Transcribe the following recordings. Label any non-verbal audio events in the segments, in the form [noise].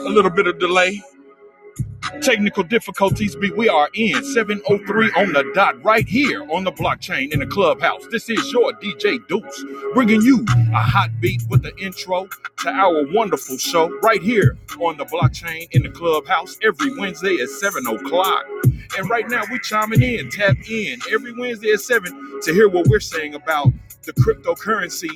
A little bit of delay. Technical difficulties we, we are in. 703 on the dot, right here on the blockchain in the clubhouse. This is your DJ Deuce, bringing you a hot beat with the intro to our wonderful show right here on the blockchain in the clubhouse every Wednesday at 7 o'clock. And right now we're chiming in, tap in every Wednesday at 7 to hear what we're saying about the cryptocurrency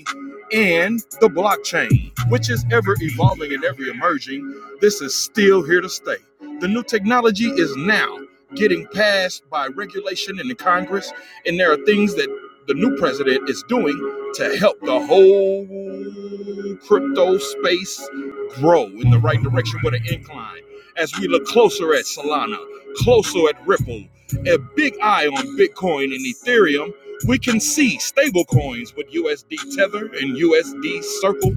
and the blockchain, which is ever evolving and ever emerging. This is still here to stay. The new technology is now getting passed by regulation in the Congress, and there are things that the new president is doing to help the whole crypto space grow in the right direction with an incline. As we look closer at Solana, closer at Ripple, a big eye on Bitcoin and Ethereum, we can see stable coins with USD Tether and USD Circle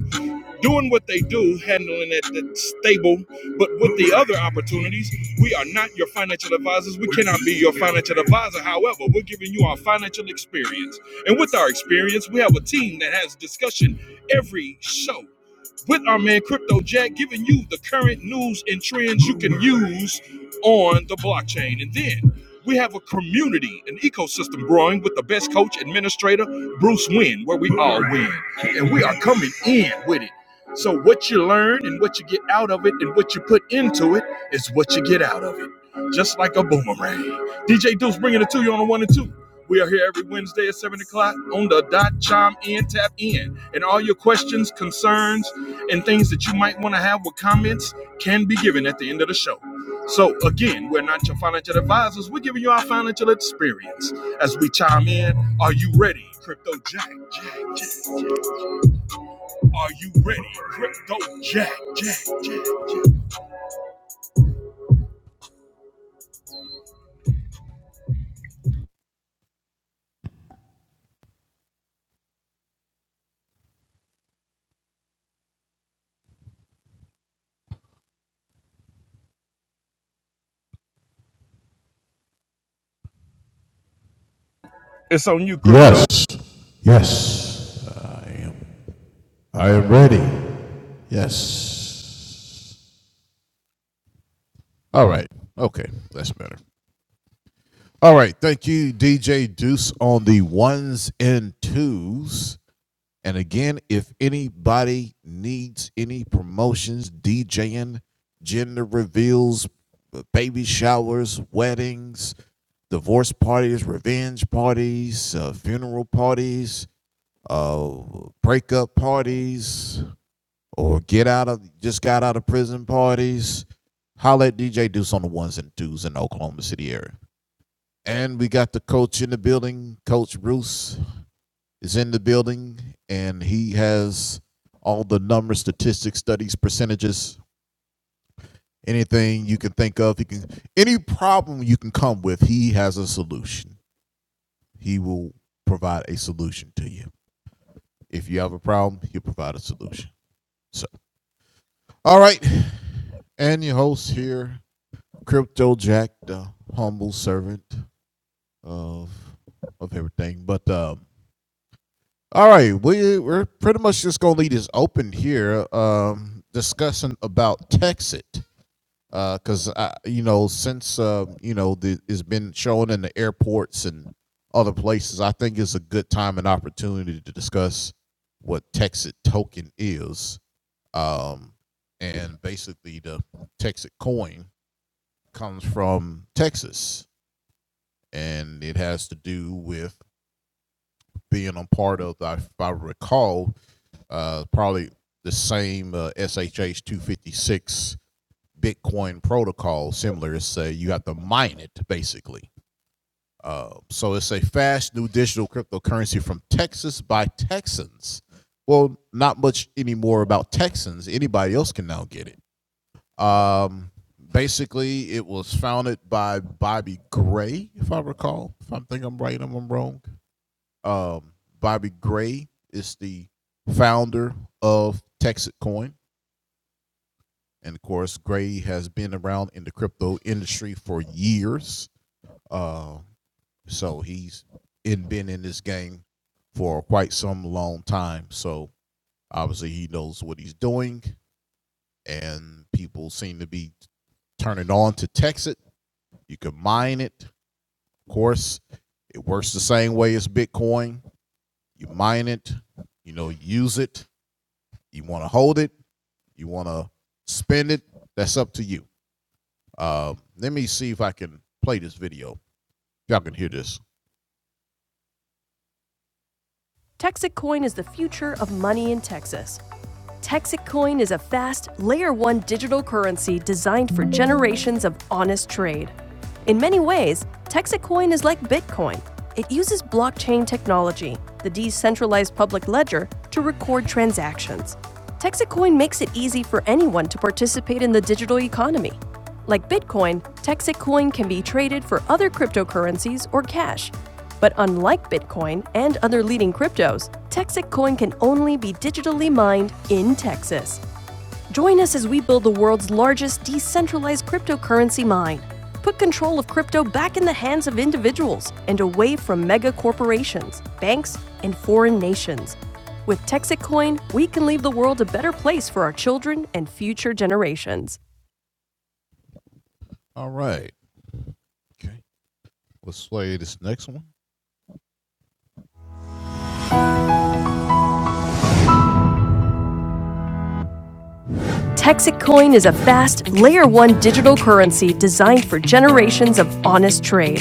doing what they do, handling it that's stable. But with the other opportunities, we are not your financial advisors. We cannot be your financial advisor. However, we're giving you our financial experience. And with our experience, we have a team that has discussion every show with our man Crypto Jack, giving you the current news and trends you can use on the blockchain. And then we have a community, an ecosystem growing with the best coach, administrator, Bruce Wynn, where we all win. And we are coming in with it. So, what you learn and what you get out of it and what you put into it is what you get out of it. Just like a boomerang. DJ Deuce bringing it to you on the one and two. We are here every Wednesday at 7 o'clock on the dot. Chime in, tap in. And all your questions, concerns, and things that you might want to have with comments can be given at the end of the show. So, again, we're not your financial advisors. We're giving you our financial experience. As we chime in, are you ready, Crypto Jack? Jack, Jack. Jack. Are you ready, Crypto Jack? Jack, Jack, Jack. It's on you, Crypto. Texic is the future of money in Texas. Texic is a fast, layer one digital currency designed for generations of honest trade. In many ways, Texacoin is like Bitcoin. It uses blockchain technology, the decentralized public ledger, to record transactions. Texacoin makes it easy for anyone to participate in the digital economy. Like Bitcoin, Texacoin can be traded for other cryptocurrencies or cash. But unlike Bitcoin and other leading cryptos, Texacoin can only be digitally mined in Texas. Join us as we build the world's largest decentralized cryptocurrency mine. Put control of crypto back in the hands of individuals and away from mega corporations, banks, and foreign nations. With Texas Coin, we can leave the world a better place for our children and future generations. Texic Coin is a fast, layer 1 digital currency designed for generations of honest trade.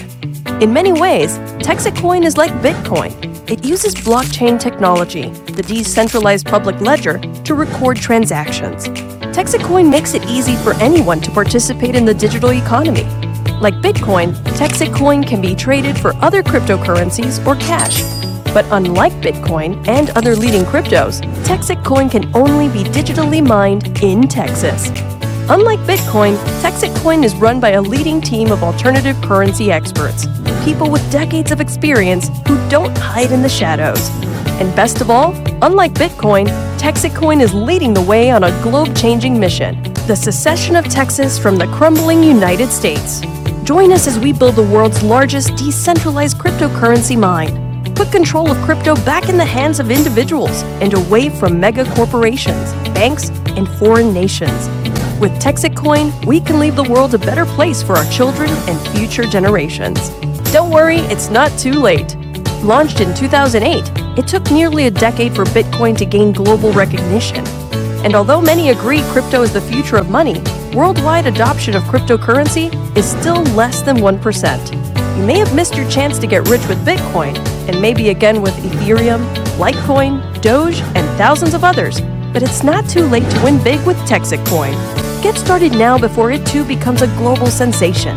In many ways, Texic Coin is like Bitcoin. It uses blockchain technology, the decentralized public ledger, to record transactions. Texic Coin makes it easy for anyone to participate in the digital economy. Like Bitcoin, Texic Coin can be traded for other cryptocurrencies or cash, but unlike Bitcoin and other leading cryptos, Texic Coin can only be digitally mined in Texas. Unlike Bitcoin, Texic Coin is run by a leading team of alternative currency experts, people with decades of experience who don't hide in the shadows. And best of all, unlike Bitcoin, Texic Coin is leading the way on a globe changing mission the secession of Texas from the crumbling United States. Join us as we build the world's largest decentralized cryptocurrency mine. Put control of crypto back in the hands of individuals and away from mega corporations, banks, and foreign nations. With Texas Coin, we can leave the world a better place for our children and future generations. Don't worry, it's not too late. Launched in 2008, it took nearly a decade for Bitcoin to gain global recognition. And although many agree crypto is the future of money, worldwide adoption of cryptocurrency is still less than 1%. You may have missed your chance to get rich with Bitcoin, and maybe again with Ethereum, Litecoin, Doge, and thousands of others, but it's not too late to win big with Texas Coin. Get started now before it too becomes a global sensation.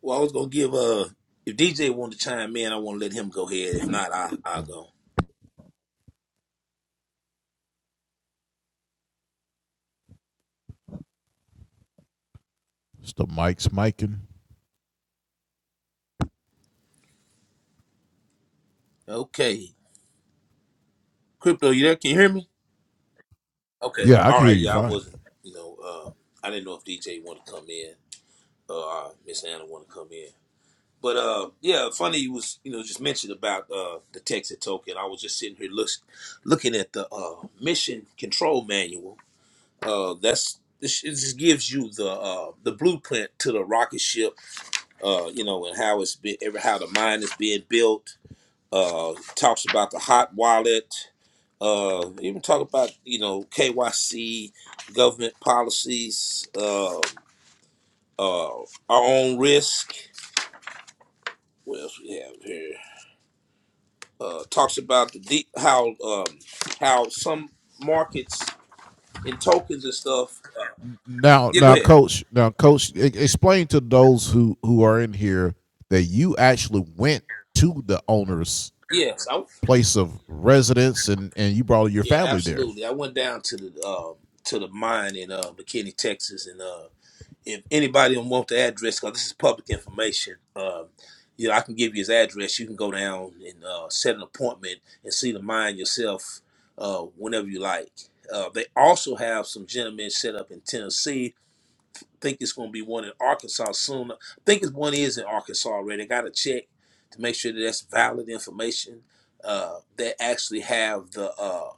Well, I was gonna give uh if DJ wanted to chime in, I want to let him go ahead. If not, I I'll go. Okay, crypto, you there? Can you hear me? Okay, all right. Yeah, I wasn't. You know, uh, I didn't know if DJ wanted to come in. Uh, Miss Anna wanted to come in. But uh, yeah, funny you was you know just mentioned about uh the Texas token. I was just sitting here look, looking at the uh mission control manual. Uh, that's this it just gives you the uh the blueprint to the rocket ship uh, you know, and how it's be, every- how the mind is being built. Uh, talks about the hot wallet. Uh, even talk about you know KYC, government policies, uh, uh, our own risk. What else we have here? Uh, talks about the deep, how um, how some markets in tokens and stuff. Yeah, go ahead. Yes, I, yeah, absolutely. I went down to the um, to the mine in uh, McKinney, Texas, and. uh, if anybody don't want the address, because this is public information, um, you know, I can give you his address. You can go down and uh, set an appointment and see the mine yourself uh, whenever you like. Uh, they also have some gentlemen set up in Tennessee think it's going to be one in Arkansas soon. I think it's one is in Arkansas already. I got to check to make sure that that's valid information. Uh, they actually have the uh,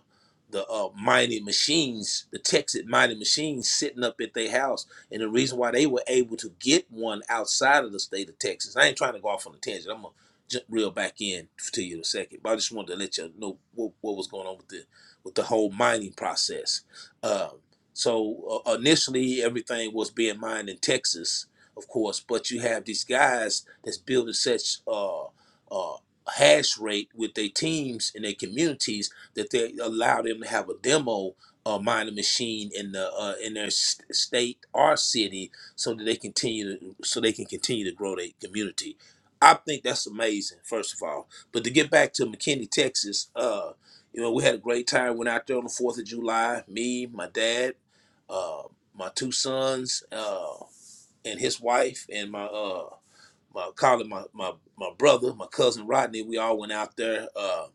the uh, mining machines, the Texas mining machines, sitting up at their house. And the reason why they were able to get one outside of the state of Texas, I ain't trying to go off on a tangent. I'm gonna jump reel back in to you in a second, but I just wanted to let you know what, what was going on with the with the whole mining process. Uh, so uh, initially, everything was being mined in Texas, of course, but you have these guys that's building such uh, uh, hash rate with their teams and their communities that they allow them to have a demo uh, mining machine in the uh, in their s- state or city, so that they continue to, so they can continue to grow their community. I think that's amazing, first of all. But to get back to McKinney, Texas, uh, you know, we had a great time. Went out there on the Fourth of July. Me, my dad uh, my two sons uh, and his wife and my uh, my colleague, my, my my brother, my cousin Rodney. We all went out there. Uh,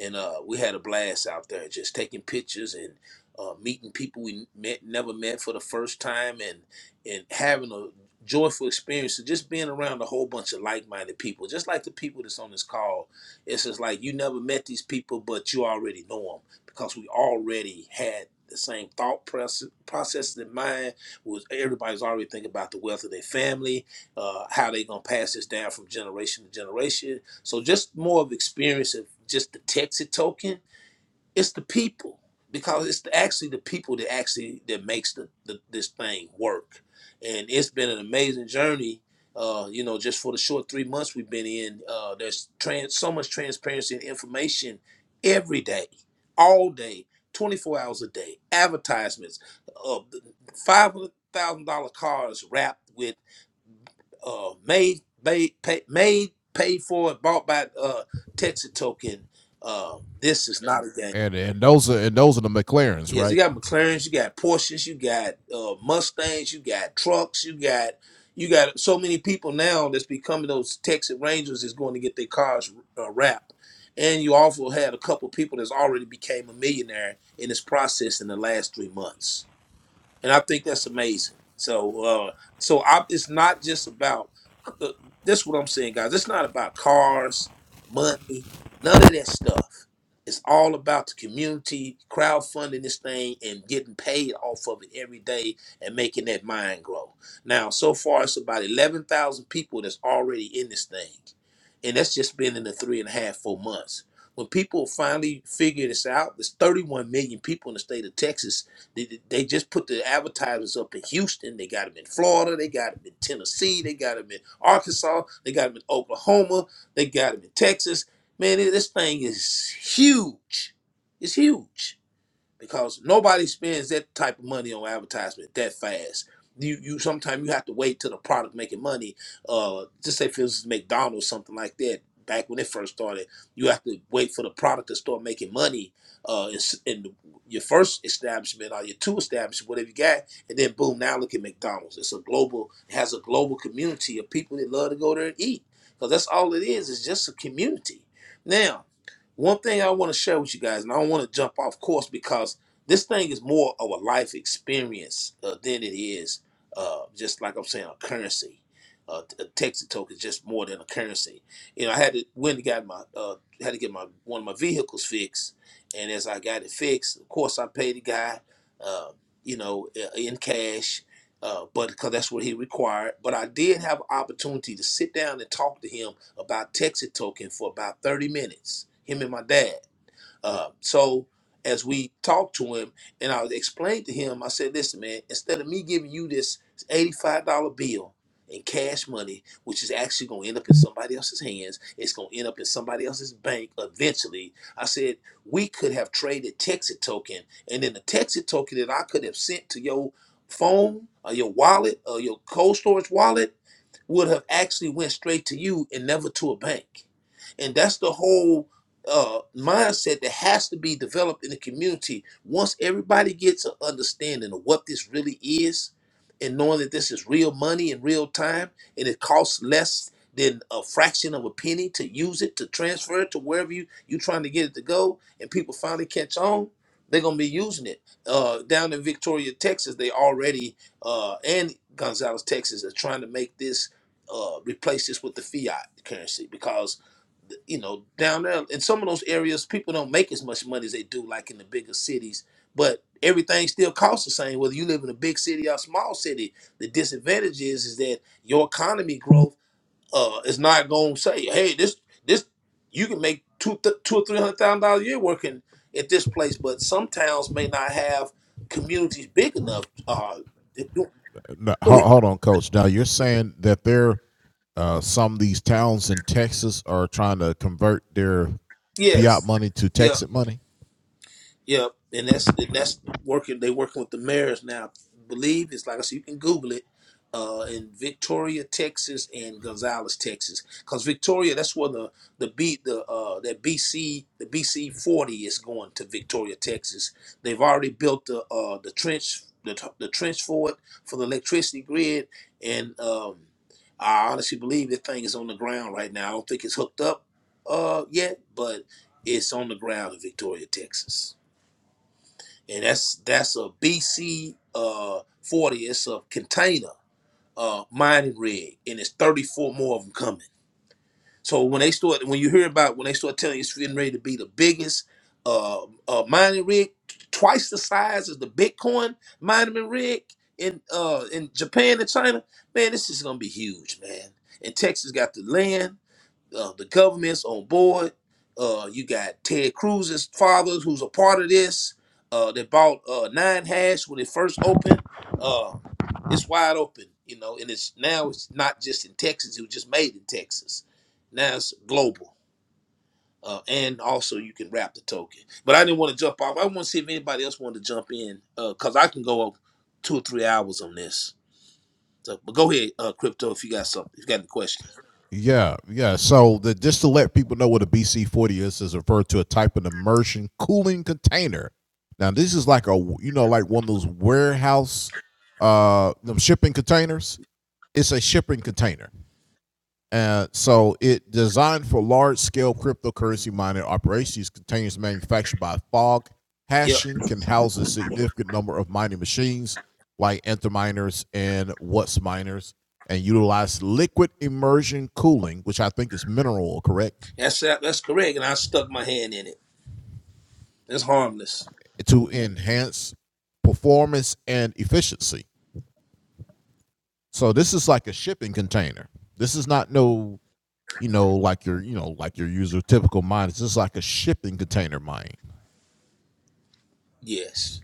and uh, we had a blast out there, just taking pictures and uh, meeting people we met, never met for the first time, and and having a joyful experience So just being around a whole bunch of like-minded people, just like the people that's on this call. It's just like you never met these people, but you already know them because we already had the same thought process processes in mind. Was everybody's already thinking about the wealth of their family, uh, how they gonna pass this down from generation to generation so just more of experience of just the Texas token. It's the people because it's the, actually the people that actually that makes the, the this thing work, and it's been an amazing journey. Uh, you know, just for the short three months we've been in, uh, there's trans so much transparency and information every day, all day, 24 hours a day. Advertisements, uh, five hundred thousand dollar cars wrapped with uh, made, made, pay, made, paid for, and bought by uh, Texas Token. Uh, this is not a game. Yes, you got McLarens, you got Porsches, you got uh, Mustangs, you got trucks, you got you got so many people now that's becoming those Texas Rangers is going to get their cars uh, wrapped. And you also had a couple people that's already became a millionaire in this process in the last three months and I think that's amazing. So, uh, so I, it's not just about. Uh, that's what I'm saying, guys. It's not about cars, money, none of that stuff. It's all about the community, crowdfunding this thing, and getting paid off of it every day, and making that mind grow. Now, so far, it's about eleven thousand people that's already in this thing, and that's just been in the three and a half, four months. When people finally figure this out, there's 31 million people in the state of Texas they, they just put the advertisers up in Houston. They got them in Florida. They got them in Tennessee. They got them in Arkansas. They got them in Oklahoma. They got them in Texas. Man, this thing is huge. It's huge because nobody spends that type of money on advertisement that fast. You you sometimes you have to wait till the product making money. Uh, just say for instance McDonald's something like that. Back when it first started, you have to wait for the product to start making money. Uh, in, s- in the- your first establishment or your two establishments, whatever you got, and then boom, now look at McDonald's. It's a global, it has a global community of people that love to go there and eat because that's all it is. It's just a community. Now one thing I want to share with you guys, and I don't want to jump off course because this thing is more of a life experience uh, than it is uh, just like I'm saying a currency. Uh, a Texas token is just more than a currency. You know, I had to went and got my uh, had to get my one of my vehicles fixed, and as I got it fixed, of course I paid the guy, uh, you know, i- in cash. Uh, but because that's what he required. But I did have an opportunity to sit down and talk to him about Texas Token for about 30 minutes, him and my dad. Uh, so as we talked to him and I explained to him, I said, listen, man, instead of me giving you this $85 bill in cash money, which is actually going to end up in somebody else's hands, it's going to end up in somebody else's bank eventually. I said, we could have traded Texas Token and then the Texas Token that I could have sent to your phone or your wallet or your cold storage wallet would have actually went straight to you and never to a bank. And that's the whole uh, mindset that has to be developed in the community. Once everybody gets an understanding of what this really is, and knowing that this is real money in real time, and it costs less than a fraction of a penny to use it to transfer it to wherever you you trying to get it to go, and people finally catch on, they're gonna be using it. Uh, down in Victoria, Texas, they already uh, and Gonzales, Texas, are trying to make this uh, replace this with the fiat currency because you know down there in some of those areas people don't make as much money as they do like in the bigger cities but everything still costs the same whether you live in a big city or a small city the disadvantage is is that your economy growth uh, is not going to say hey this this you can make two th- two or three hundred thousand dollars a year working at this place but some towns may not have communities big enough uh, to do- go ahead. yes Yeah. Yep, and that's and that's working. They working with the mayors now. I believe it's like I said, you can Google it. Uh, in Victoria, Texas, and Gonzales, Texas, because Victoria, that's where the the B the uh that BC the BC forty is going to Victoria, Texas. They've already built the uh the trench the t- the trench for it for the electricity grid, and um I honestly believe that thing is on the ground right now. I don't think it's hooked up uh yet, but it's on the ground in Victoria, Texas and that's that's a BC uh 40. It's a container uh mining rig, and it's 34 more of them coming. So when they start, when you hear about when they start telling you it's getting ready to be the biggest uh, uh mining rig, twice the size as the Bitcoin mining rig in uh in Japan and China, man, this is gonna be huge, man. And Texas got the land uh, the government's on board. Uh, you got Ted Cruz's father, who's a part of this. Uh, that bought uh, Nine Hash when it first opened. Uh, it's wide open, you know, and it's now it's not just in Texas. It was just made in Texas. Now it's global, uh, and also you can wrap the token. But I didn't want to jump off. I want to see if anybody else wanted to jump in because I can go up two or three hours on this. So, but go ahead, uh, crypto, if you got something, if you got any questions. Yep, that's that's correct, and I stuck my hand in it. It's harmless. Yes.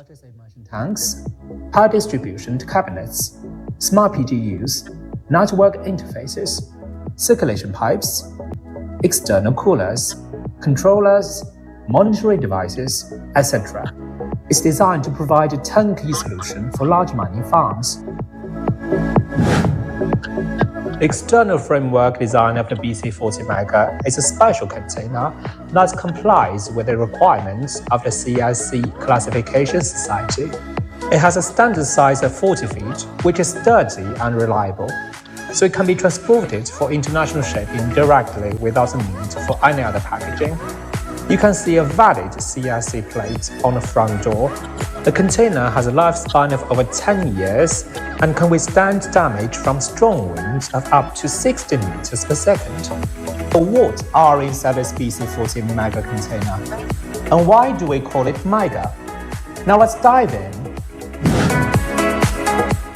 Purchase merchant tanks, power distribution cabinets, smart PGUs, network interfaces, circulation pipes, external coolers, controllers, monitoring devices, etc. It's designed to provide a turnkey solution for large mining farms. The external framework design of the BC40 Mega is a special container that complies with the requirements of the CIC Classification Society. It has a standard size of 40 feet, which is sturdy and reliable, so it can be transported for international shipping directly without the need for any other packaging. You can see a valid CIC plate on the front door. The container has a lifespan of over 10 years and can withstand damage from strong winds of up to 60 meters per second. But what are inside the BC40 mega container? And why do we call it mega? Now let's dive in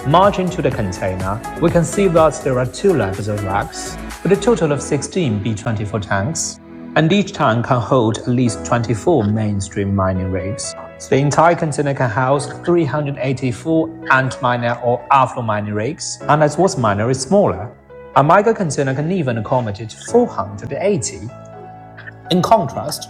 Marching to the container, we can see that there are two levels of racks, with a total of 16 B-24 tanks, and each tank can hold at least 24 mainstream mining rigs. So the entire container can house 384 ant miner or afro mining rigs, and as was miner is smaller, a micro container can even accommodate 480 in contrast,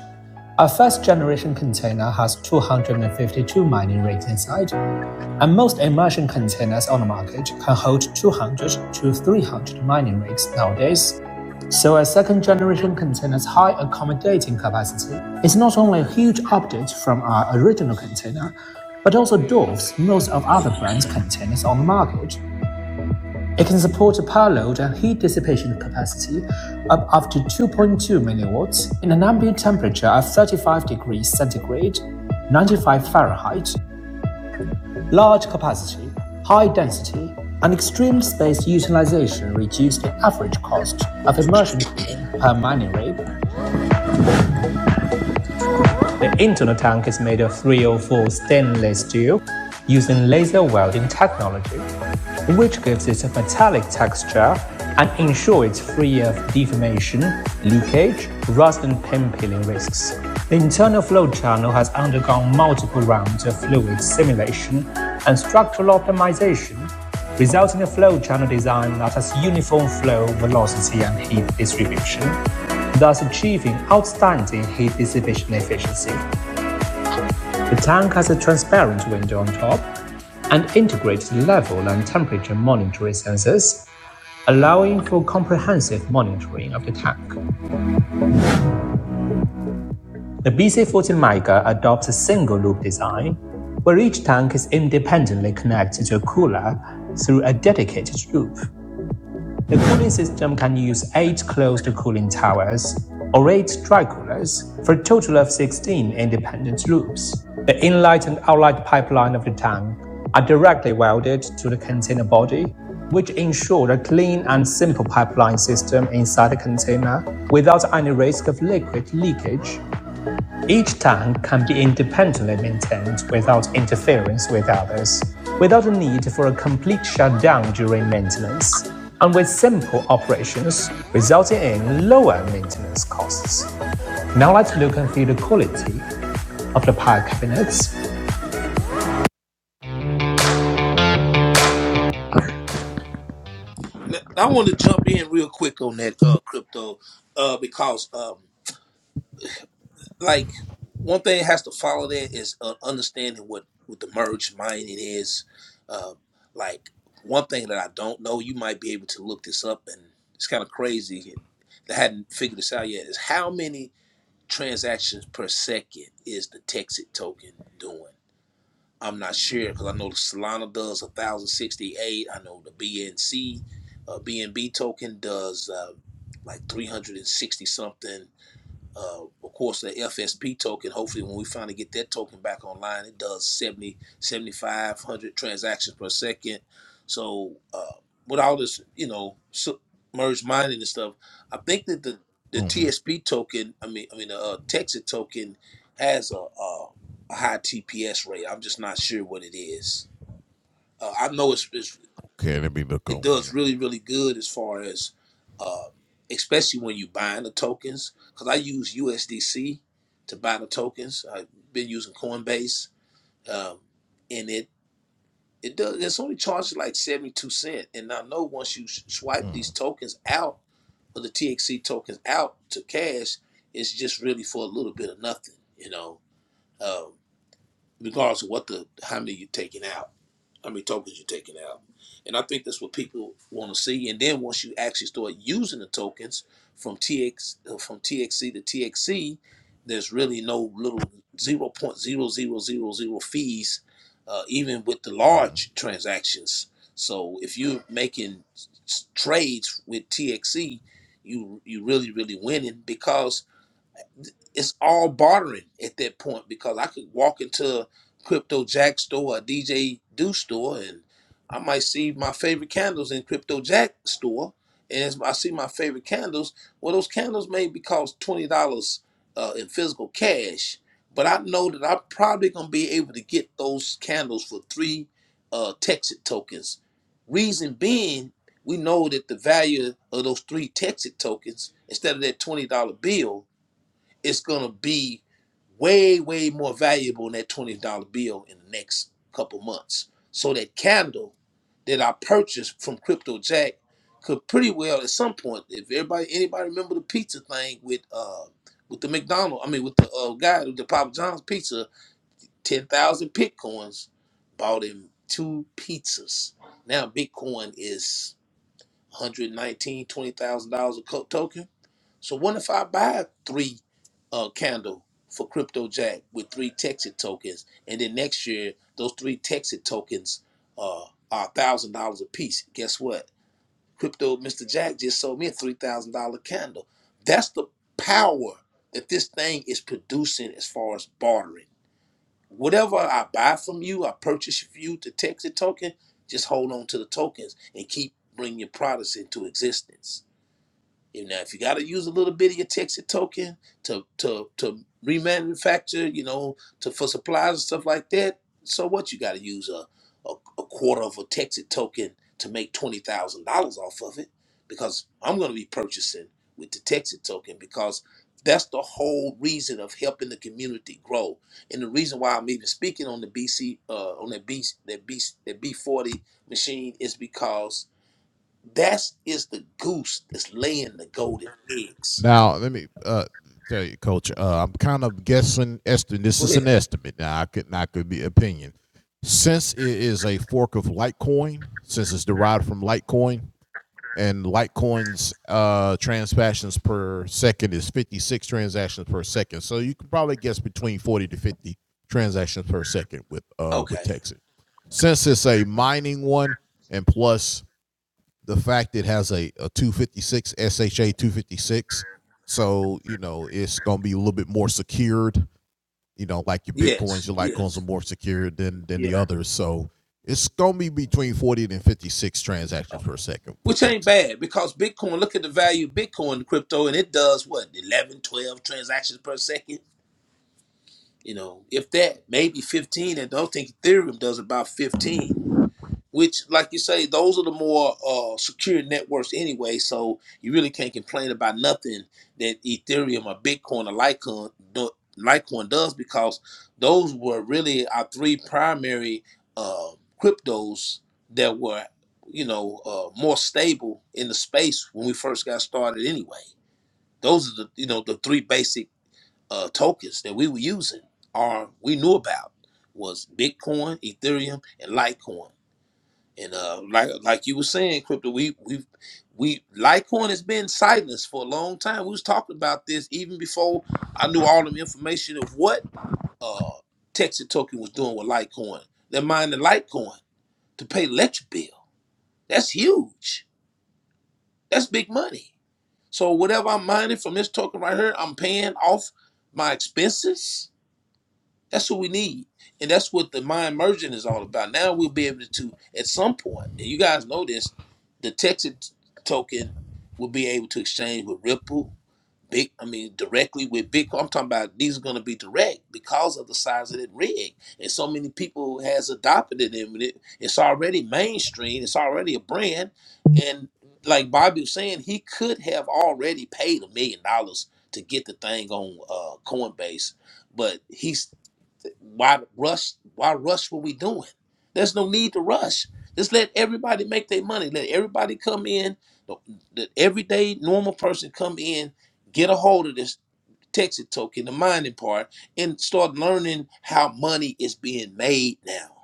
a first-generation container has 252 mining rigs inside, and most immersion containers on the market can hold 200 to 300 mining rigs nowadays. So a second-generation container's high accommodating capacity is not only a huge update from our original container, but also dwarfs most of other brands' containers on the market. It can support a power load and heat dissipation capacity of up to 2.2 milliwatts in an ambient temperature of 35 degrees centigrade, 95 Fahrenheit, large capacity, high density, and extreme space utilization reduce the average cost of immersion cooling per mining rig The internal tank is made of 304 stainless steel using laser welding technology, which gives it a metallic texture and ensures it's free of deformation, leakage, rust, and paint peeling risks. The internal flow channel has undergone multiple rounds of fluid simulation and structural optimization resulting in a flow channel design that has uniform flow, velocity, and heat distribution, thus achieving outstanding heat dissipation efficiency. The tank has a transparent window on top and integrated level and temperature monitoring sensors, allowing for comprehensive monitoring of the tank. The BC40 Mega adopts a single loop design, where each tank is independently connected to a cooler through a dedicated loop. The cooling system can use 8 closed cooling towers or 8 dry coolers for a total of 16 independent loops. The inlet and outlet pipeline of the tank are directly welded to the container body, which ensure a clean and simple pipeline system inside the container without any risk of liquid leakage each tank can be independently maintained without interference with others, without a need for a complete shutdown during maintenance, and with simple operations resulting in lower maintenance costs. Now let's look and see the quality of the power cabinets. Now, I want to jump in real quick on that uh, crypto uh, because, um, like, one thing has to follow that is uh, understanding what, what the merge mining is. Uh, like, one thing that I don't know, you might be able to look this up, and it's kind of crazy. And I hadn't figured this out yet. Is how many transactions per second is the Texit token doing? I'm not sure because I know the Solana does 1,068. I know the BNC, uh, BNB token does uh, like 360 something uh, of course, the FSP token. Hopefully, when we finally get that token back online, it does seventy, seventy-five hundred transactions per second. So, uh, with all this, you know, su- merge mining and stuff, I think that the, the TSP token, I mean, I mean, the uh, Texas token has a, a, a high TPS rate. I'm just not sure what it is. Uh, I know it's, it's it does really really good as far as uh, especially when you buying the tokens because i use usdc to buy the tokens i've been using coinbase um, and it it does it's only charged like 72 cent and i know once you s- swipe these tokens out or the txc tokens out to cash it's just really for a little bit of nothing you know um, regardless of what the how many you're taking out how many tokens you're taking out. And I think that's what people want to see. And then once you actually start using the tokens from TX uh, from TXC to TXC, there's really no little zero point zero zero zero zero fees, uh, even with the large transactions. So if you're making s- trades with TXC, you you really really winning because it's all bartering at that point because I could walk into a Crypto Jack store, a DJ Do store, and I might see my favorite candles in Crypto Jack store. And as I see my favorite candles, well, those candles may be cost twenty dollars uh, in physical cash, but I know that I'm probably gonna be able to get those candles for three uh, Texit tokens. Reason being, we know that the value of those three Texit tokens instead of that twenty dollar bill it's gonna be way, way more valuable than that twenty dollar bill in the next couple months. So that candle that I purchased from Crypto Jack could pretty well at some point, if everybody anybody remember the pizza thing with uh with the McDonald, I mean with the uh, guy with the Papa John's pizza, ten thousand bitcoins bought him two pizzas. Now Bitcoin is one hundred nineteen twenty thousand dollars a co- token so what if I buy three uh candle for Crypto Jack with three Texit tokens, and then next year those three Texit tokens uh are one thousand dollars a piece. Guess what? Crypto Mr. Jack just sold me a three thousand dollar candle. That's the power that this thing is producing as far as bartering. Whatever I buy from you, I purchase from you the Texit token. Just hold on to the tokens and keep bringing your products into existence. You know, if you got to use a little bit of your Texas token to to to remanufacture, you know, to for supplies and stuff like that, so what? You got to use a, a a quarter of a Texas token to make twenty thousand dollars off of it, because I'm going to be purchasing with the Texas token because that's the whole reason of helping the community grow, and the reason why I'm even speaking on the BC uh, on that B that B that B40 machine is because that is the goose that's laying the golden eggs. Go ahead. Okay. Yes. Yes. Yeah. Okay. Which ain't bad because Bitcoin, look at the value of Bitcoin crypto, and it does what, 11, 12 transactions per second? You know, if that, maybe 15, and don't think Ethereum does about 15. which like you say those are the more uh, secure networks anyway so you really can't complain about nothing that ethereum or bitcoin or litecoin, do- litecoin does because those were really our three primary uh, cryptos that were you know uh, more stable in the space when we first got started anyway those are the you know the three basic uh, tokens that we were using or we knew about was bitcoin ethereum and litecoin and uh, like like you were saying, crypto, we we we Litecoin has been silenced for a long time. We was talking about this even before I knew all the information of what uh Texas Token was doing with Litecoin. They're mining Litecoin to pay electric bill. That's huge. That's big money. So whatever I'm mining from this token right here, I'm paying off my expenses. That's what we need. And that's what the mind merging is all about. Now we'll be able to, at some point, and you guys know this, the Texas token will be able to exchange with Ripple, big I mean directly with Bitcoin. I'm talking about these are gonna be direct because of the size of that rig. And so many people has adopted it and it, it's already mainstream, it's already a brand. And like Bobby was saying, he could have already paid a million dollars to get the thing on uh, Coinbase, but he's why rush? Why rush what we doing? There's no need to rush. Just let everybody make their money. Let everybody come in. The, the everyday normal person come in, get a hold of this Texas token, the mining part, and start learning how money is being made now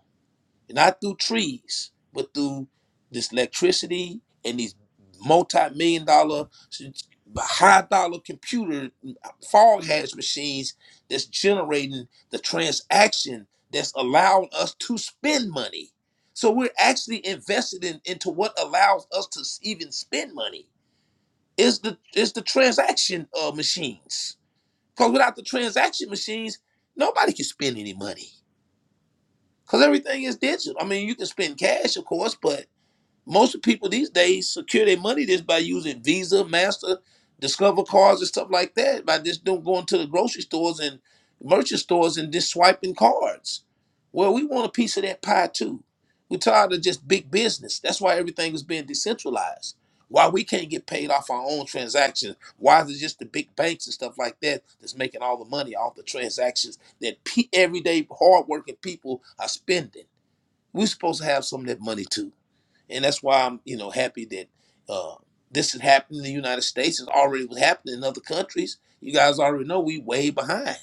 not through trees, but through this electricity and these multi-million dollar, high dollar computer fog hash machines that's generating the transaction that's allowing us to spend money. So we're actually invested in, into what allows us to even spend money is the is the transaction uh, machines. Because without the transaction machines, nobody can spend any money. Because everything is digital. I mean, you can spend cash, of course, but most people these days secure their money just by using Visa, Master, Discover cards and stuff like that. By just doing going to the grocery stores and merchant stores and just swiping cards. Well, we want a piece of that pie too. We're tired of just big business. That's why everything is being decentralized. Why we can't get paid off our own transactions? Why is it just the big banks and stuff like that that's making all the money off the transactions that pe- everyday hardworking people are spending? We're supposed to have some of that money too and that's why I'm you know happy that uh, this has happened in the United States. It's already was happening in other countries. You guys already know we way behind.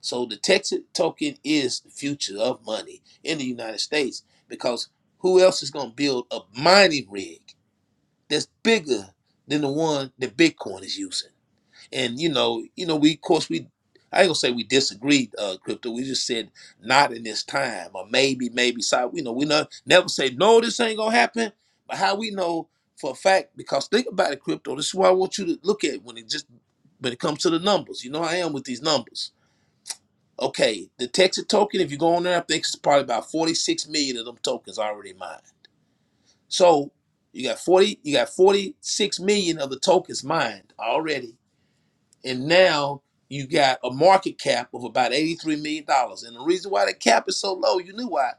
So the Texas token is the future of money in the United States because who else is going to build a mining rig that's bigger than the one that Bitcoin is using? and you know, you know, we of course we I ain't gonna say we disagreed, uh, crypto. We just said not in this time, or maybe, maybe. So you know, we not never say no, this ain't gonna happen. But how we know for a fact? Because think about it, crypto. This is what I want you to look at when it just when it comes to the numbers. You know, I am with these numbers. Okay, the Texas token. If you go on there, I think it's probably about forty-six million of them tokens already mined. So you got forty, you got forty-six million of the tokens mined already and now you got a market cap of about eighty-three million dollars. And the reason why the cap is so low, you knew why.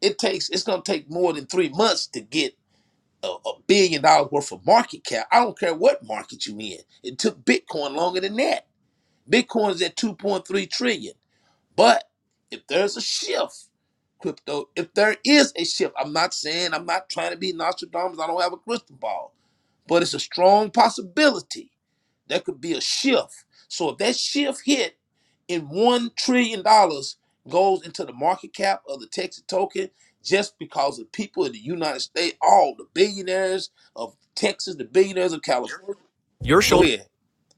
It takes it's gonna take more than three months to get a, a billion dollars worth of market cap. I don't care what market you in. It took Bitcoin longer than that. Bitcoin's at two point three trillion. But if there's a shift, crypto, if there is a shift, I'm not saying I'm not trying to be Nostradamus. I don't have a crystal ball but it's a strong possibility that could be a shift. So if that shift hit in one trillion dollars goes into the market cap of the Texas token, just because the people in the United States, all the billionaires of Texas, the billionaires of California, Your shoulder. go ahead,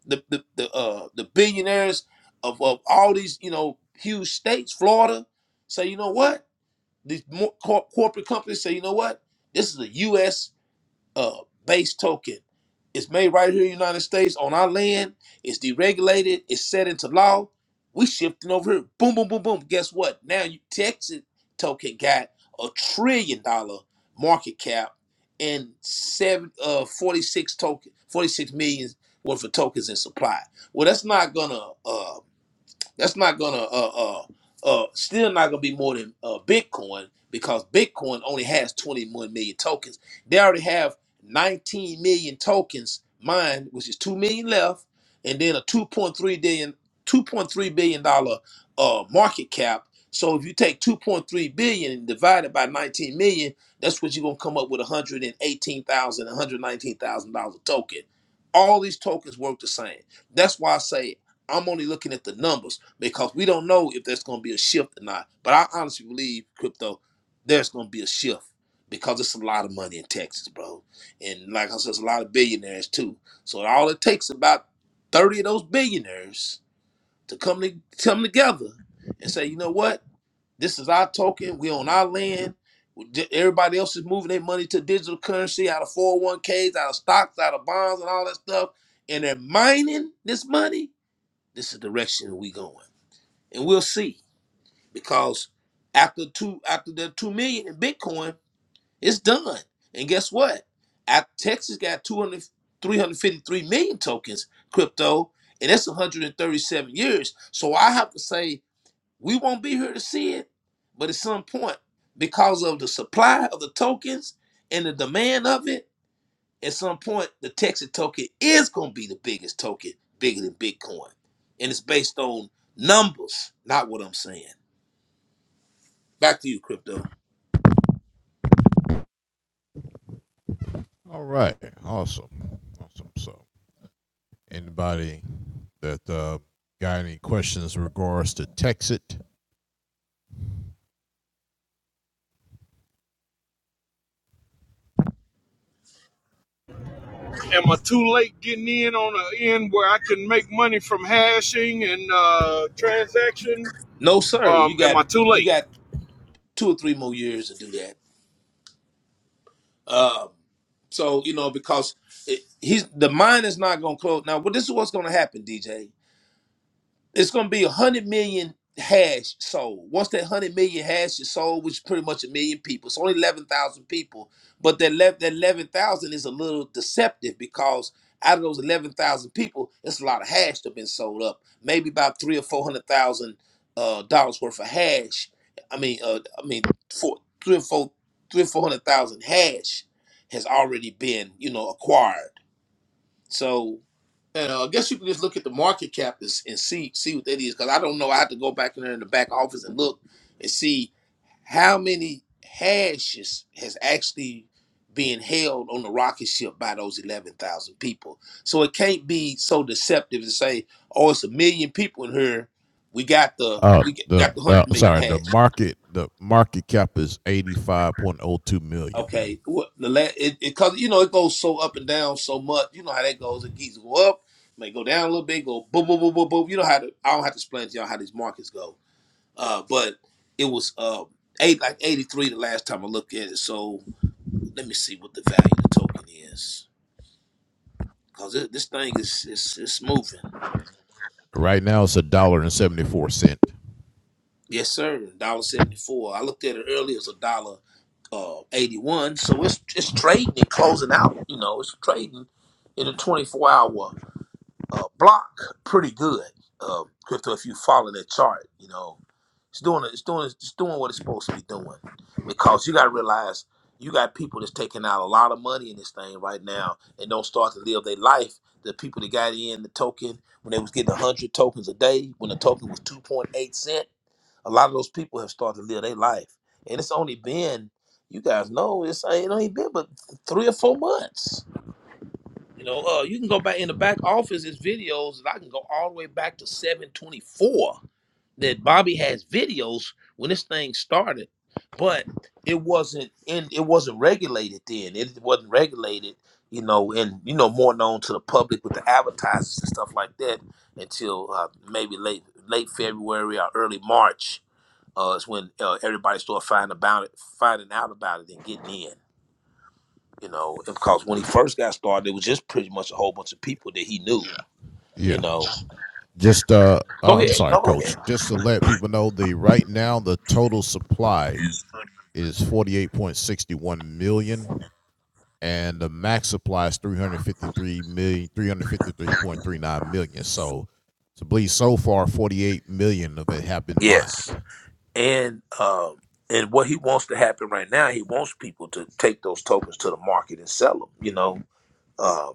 the the the, uh, the billionaires of, of all these you know huge states, Florida, say you know what these more cor- corporate companies say you know what this is a U.S uh, base token it's made right here in the United States on our land. It's deregulated. It's set into law. We shifting over here. Boom, boom, boom, boom. Guess what? Now you Texas token got a trillion dollar market cap and seven uh 46 token 46 million worth of tokens in supply. Well, that's not gonna uh that's not gonna uh uh uh still not gonna be more than uh Bitcoin because Bitcoin only has 21 million tokens. They already have 19 million tokens mined, which is two million left, and then a two point three billion two point three billion dollar uh market cap. So if you take 2.3 billion and divide it by 19 million, that's what you're gonna come up with 118,000 119,000 dollars a token. All these tokens work the same. That's why I say I'm only looking at the numbers because we don't know if there's going to be a shift or not. But I honestly believe crypto, there's going to be a shift because it's a lot of money in Texas, bro. And like I said, it's a lot of billionaires too. So all it takes is about thirty of those billionaires to come to come together and say, you know what, this is our token. We on our land. Everybody else is moving their money to digital currency out of 401ks, out of stocks, out of bonds, and all that stuff. And they're mining this money. This is the direction we going. And we'll see because after two after the two million in Bitcoin, it's done. And guess what? At Texas got two hundred, three hundred fifty-three million tokens crypto, and that's 137 years. So I have to say we won't be here to see it, but at some point, because of the supply of the tokens and the demand of it, at some point the Texas token is going to be the biggest token, bigger than Bitcoin, and it's based on numbers, not what I'm saying. Back to you, crypto. Am I too late getting in on an end where I can make money from hashing and uh, transaction? No, sir. You Um, am got I too you late? got two or three more years to do that. Um, so you know because it, he's the mine is not going to close. Now, well, this is what's going to happen, DJ. it's gonna be a hundred million hash sold. Once that hundred million hash is sold, which is pretty much a million people, it's only eleven thousand people. But that left that eleven thousand is a little deceptive because out of those eleven thousand people, it's a lot of hash that been sold up. Maybe about three or four hundred thousand uh, dollars worth of hash. I mean, uh, I mean, four, three or four, three or four hundred thousand hash has already been, you know, acquired. So and uh, I guess you can just look at the market cap and, and see see what that is. Because I don't know. I have to go back in there in the back office and look and see how many hashes has actually been held on the rocket ship by those eleven thousand people. So it can't be so deceptive to say, "Oh, it's a million people in here. We got the we got the hundred million hash." Okay, what the la it because you know it goes so up and down so much. You know how that goes. It geese go up, may go down a little bit, go boom, boom, boom, boom, boom. You know how to. I don't have to explain to y'all how these markets go. Uh, but it was um eight like eighty three the last time I looked at it. So let me see what the value of the token is because this thing is it's it's moving. Yes, sir. Dollar seventy four. I looked at it earlier. It's a dollar uh, 81. So it's it's trading and closing out. You know, it's trading in a 24 hour. uh, block pretty good. Uh, crypto, if you follow that chart, you know it's doing it's doing it's doing what it's supposed to be doing. Because you got to realize you got people that's taking out a lot of money in this thing right now and don't start to live their life. The people that got in the token when they was getting one hundred tokens a day, when the token was two point eight cent, a lot of those people have started to live their life. And it's only been you guys know it's it ain't been but three or four months you know, uh, you can go back in the back office. There's videos, and I can go all the way back to 724. That Bobby has videos when this thing started, but it wasn't in. It wasn't regulated then. It wasn't regulated, you know, and you know more known to the public with the advertisers and stuff like that until uh, maybe late late February or early March uh, is when uh, everybody started finding about it, finding out about it, and getting in you know, because when he first got started, it was just pretty much a whole bunch of people that he knew, Yeah. you know. Go ahead, no, go ahead. Yes, and um, and what he wants to happen right now, he wants people to take those tokens to the market and sell them, you know, Um,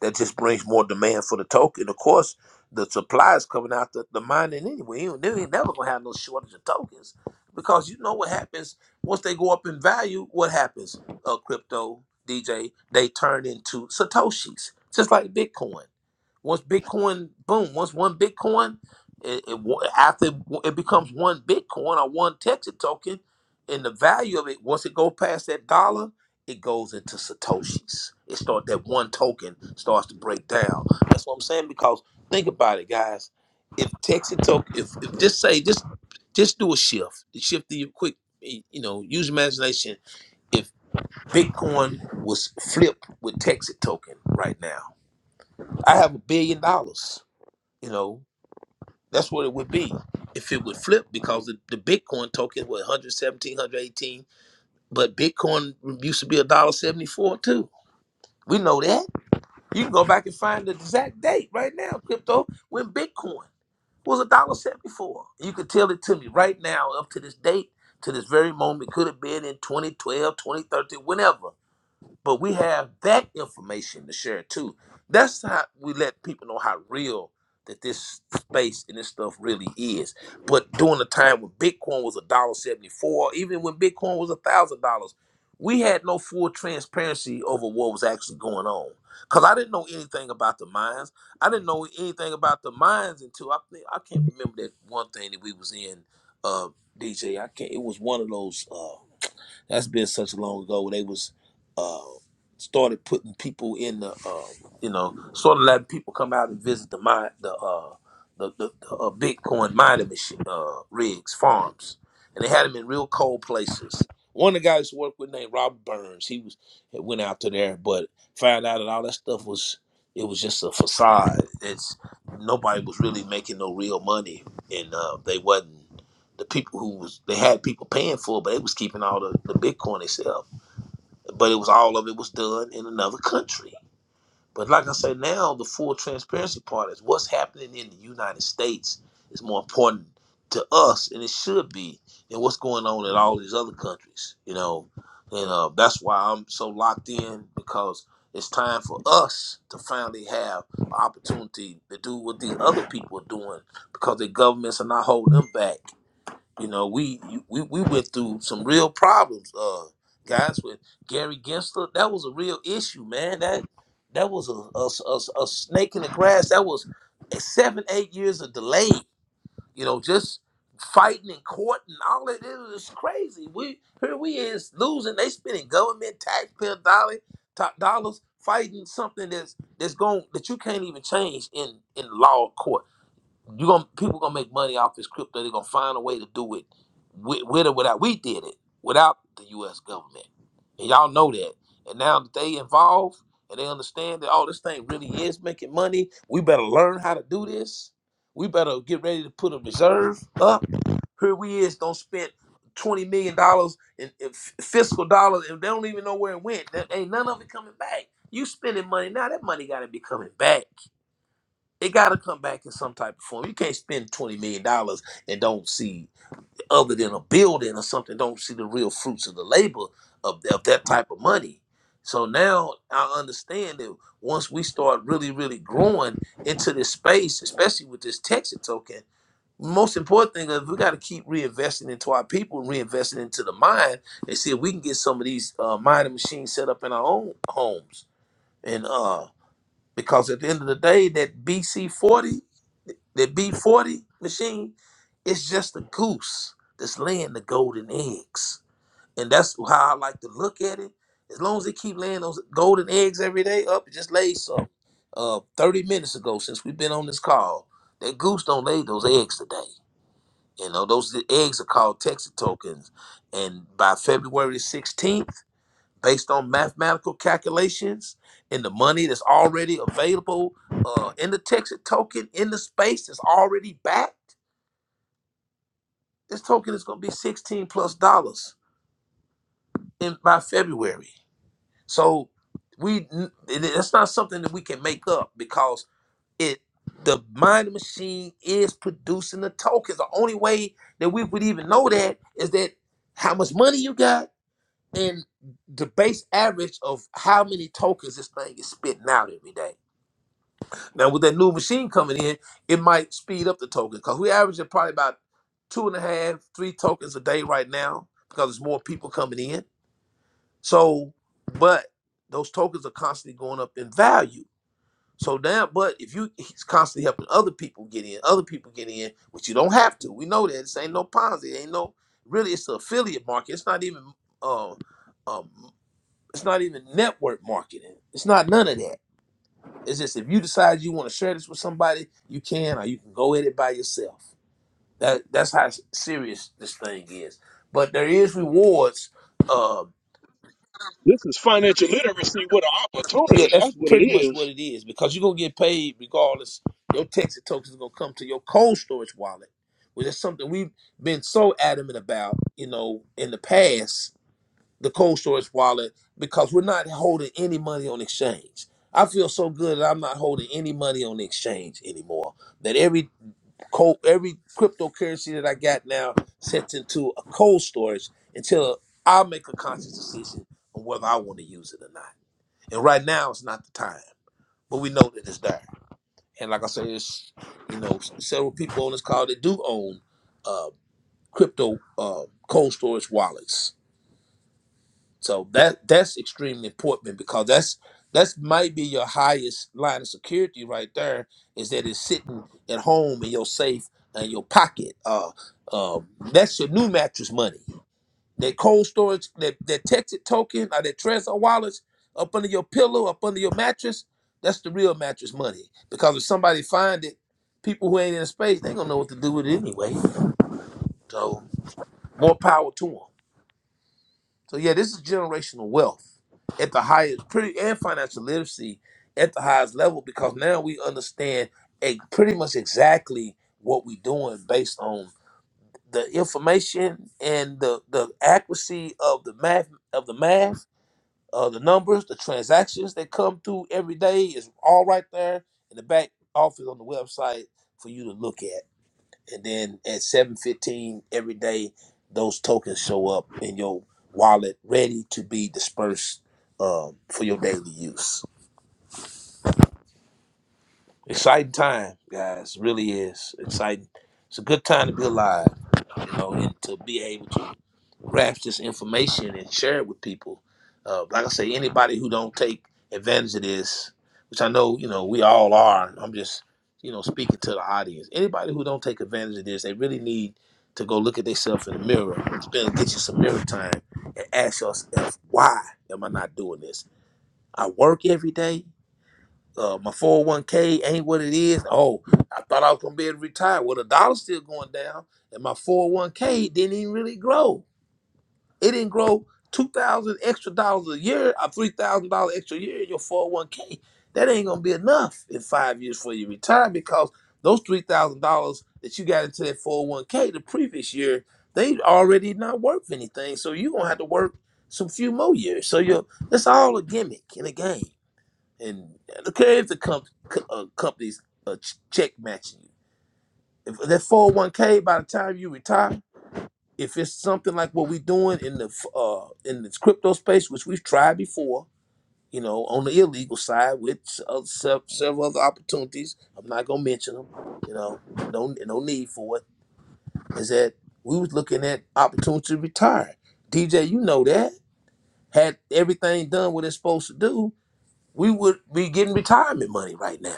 that just brings more demand for the token. Of course, the supply is coming out the, the mining anyway. You ain't, they ain't never gonna have no shortage of tokens because you know what happens once they go up in value. What happens? Uh, crypto DJ they turn into satoshis, just like Bitcoin. Once Bitcoin, boom. Once one Bitcoin, it, it wa- after it becomes one Bitcoin or one Texas token, and the value of it, once it goes past that dollar, it goes into satoshis. It start that one token starts to break down. That's what I'm saying because think about it, guys. If Texas token, if, if just say just just do a shift, shift the quick, you know, use your imagination. If Bitcoin was flipped with Texas token right now, I have a billion dollars you know, that's what it would be if it would flip because the, the Bitcoin token was 117, but Bitcoin used to be a dollar seventy four too. We know that. You can go back and find the exact date right now, crypto, when Bitcoin was a dollar seventy four. You could tell it to me right now, up to this date, to this very moment. Could have been in 2012, 2013, whenever but we have that information to share too. That's how we let people know how real that this space and this stuff really is. But during the time when Bitcoin was a dollar seventy four, even when Bitcoin was a thousand dollars, we had no full transparency over what was actually going on. Cause I didn't know anything about the mines. I didn't know anything about the mines until I think I can't remember that one thing that we was in, uh, DJ. I can't. It was one of those. Uh, that's been such long ago. They was uh, started putting people in the, uh, you know, sort of letting people come out and visit the mine, the uh, the, the, the uh, Bitcoin mining machine, uh, rigs, farms, and they had them in real cold places. One of the guys who worked with named Robert Burns, he was he went out to there, but found out that all that stuff was it was just a facade. It's nobody was really making no real money, and uh, they wasn't the people who was they had people paying for it, but they was keeping all the, the Bitcoin itself. But it was all of it was done in another country. But like I said, now the full transparency part is what's happening in the United States is more important to us, and it should be, than what's going on in all these other countries. You know, and uh, that's why I'm so locked in because it's time for us to finally have an opportunity to do what these other people are doing because their governments are not holding them back you know, we we we went through some real problems, uh, guys. With Gary Gensler, that was a real issue, man. That that was a a, a- a snake in the grass. That was seven eight years of delay. You know, just fighting in court and all that. It was crazy. We here we is losing. They spending government taxpayer dollar top dollars fighting something that's that's going that you can't even change in in law court you gonna people gonna make money off this crypto. They're gonna find a way to do it with, with or without. We did it without the U.S. government, and y'all know that. And now that they involved and they understand that oh, this thing really is making money. We better learn how to do this. We better get ready to put a reserve up. Here we is don't spend twenty million dollars in, in f- fiscal dollars, and they don't even know where it went. There ain't none of it coming back. You spending money now. That money got to be coming back. It got to come back in some type of form. You can't spend twenty million dollars and don't see, other than a building or something, don't see the real fruits of the labor of, of that type of money. So now I understand that once we start really, really growing into this space, especially with this Texas token, most important thing is we got to keep reinvesting into our people, reinvesting into the mine, and see if we can get some of these uh, mining machines set up in our own homes. And uh, because at the end of the day, that BC 40, that B40 machine, it's just a goose that's laying the golden eggs. And that's how I like to look at it. As long as they keep laying those golden eggs every day up, it just laid some uh, 30 minutes ago since we've been on this call. That goose don't lay those eggs today. You know, those e-, eggs are called Texas tokens. And by February 16th, based on mathematical calculations and the money that's already available uh, in the Texas token in the space that's already backed, this token is going to be 16 plus dollars in by February. So we n- it- it's not something that we can make up because it the mining machine is producing the tokens. The only way that we would even know that is that how much money you got and the base average of how many tokens this thing is spitting out every day. Now, with that new machine coming in, it might speed up the token because we average at probably about two and a half, three tokens a day right now because there's more people coming in. So, but those tokens are constantly going up in value. So now, but if you he's constantly helping other people get in, other people get in, which you don't have to. We know that this ain't no Ponzi, ain't no really. It's the affiliate market. It's not even. Uh, um, it's not even network marketing. It's not none of that. It's just if you decide you want to share this with somebody, you can, or you can go at it by yourself. That that's how serious this thing is. But there is rewards. Uh, This is financial literacy with an yeah, opportunity. that's That's what it pretty much is. what it is because you're gonna get paid regardless. Your Texas tokens are gonna come to your cold storage wallet, which is something we've been so adamant about, you know, in the past the cold storage wallet because we're not holding any money on exchange. I feel so good that I'm not holding any money on the exchange anymore. That every cold, every cryptocurrency that I got now sets into a cold storage until I make a conscious decision on whether I want to use it or not. And right now, it's not the time, but we know that it's there. And like I say, it's you know several people on this call that do own uh, crypto uh, cold storage wallets So that that's extremely important because that's that's might be your highest line of security right there is that it's sitting at home in your safe and your pocket. Uh, um, that's your new mattress money. That cold storage, that that Texas token, or that Trezor wallets up under your pillow, up under your mattress. That's the real mattress money because if somebody find it, people who ain't in the space they gonna know what to do with it anyway. So more power to them. So yeah, this is generational wealth at the highest, pretty and financial literacy at the highest level because now we understand a, pretty much exactly what we're doing based on the information and the the accuracy of the math of the math, uh, the numbers, the transactions that come through every day is all right there in the back office on the website for you to look at and then at 7:15 every day those tokens show up in your wallet ready to be dispersed um, for your daily use exciting time guys really is exciting it's a good time to be alive you know and to be able to craft this information and share it with people. Uh, like I say, anybody who don't take advantage of this, which I know you know we all are. I'm just you know speaking to the audience. Anybody who don't take advantage of this, they really need to go look at themselves in the mirror, spend get you some mirror time, and ask yourself why am I not doing this? I work every day. Uh, my 401k ain't what it is. Oh, I thought I was gonna be able to retire. Well, the dollar's still going down, and my 401k didn't even really grow it didn't grow two thousand extra dollars a year or three thousand dollars extra a year in your four hundred one k. That ain't gonna be enough in five years for you retire because those three thousand dollars that you got into that four hundred one k the previous year they already not worth anything. So you gonna have to work some few more years. So you that's all a gimmick and a game. And okay, if the comp- co- uh, companies uh, ch- check matching you. If that four hundred one k by the time you retire if it's something like what we're doing in the uh in this crypto space, which we've tried before, you know, on the illegal side with uh, se- several other opportunities, I'm not gonna mention them. You know, no no need for it. Is that we was looking at opportunity to retire. DJ, you know that had everything done what it's supposed to do, we would be getting retirement money right now.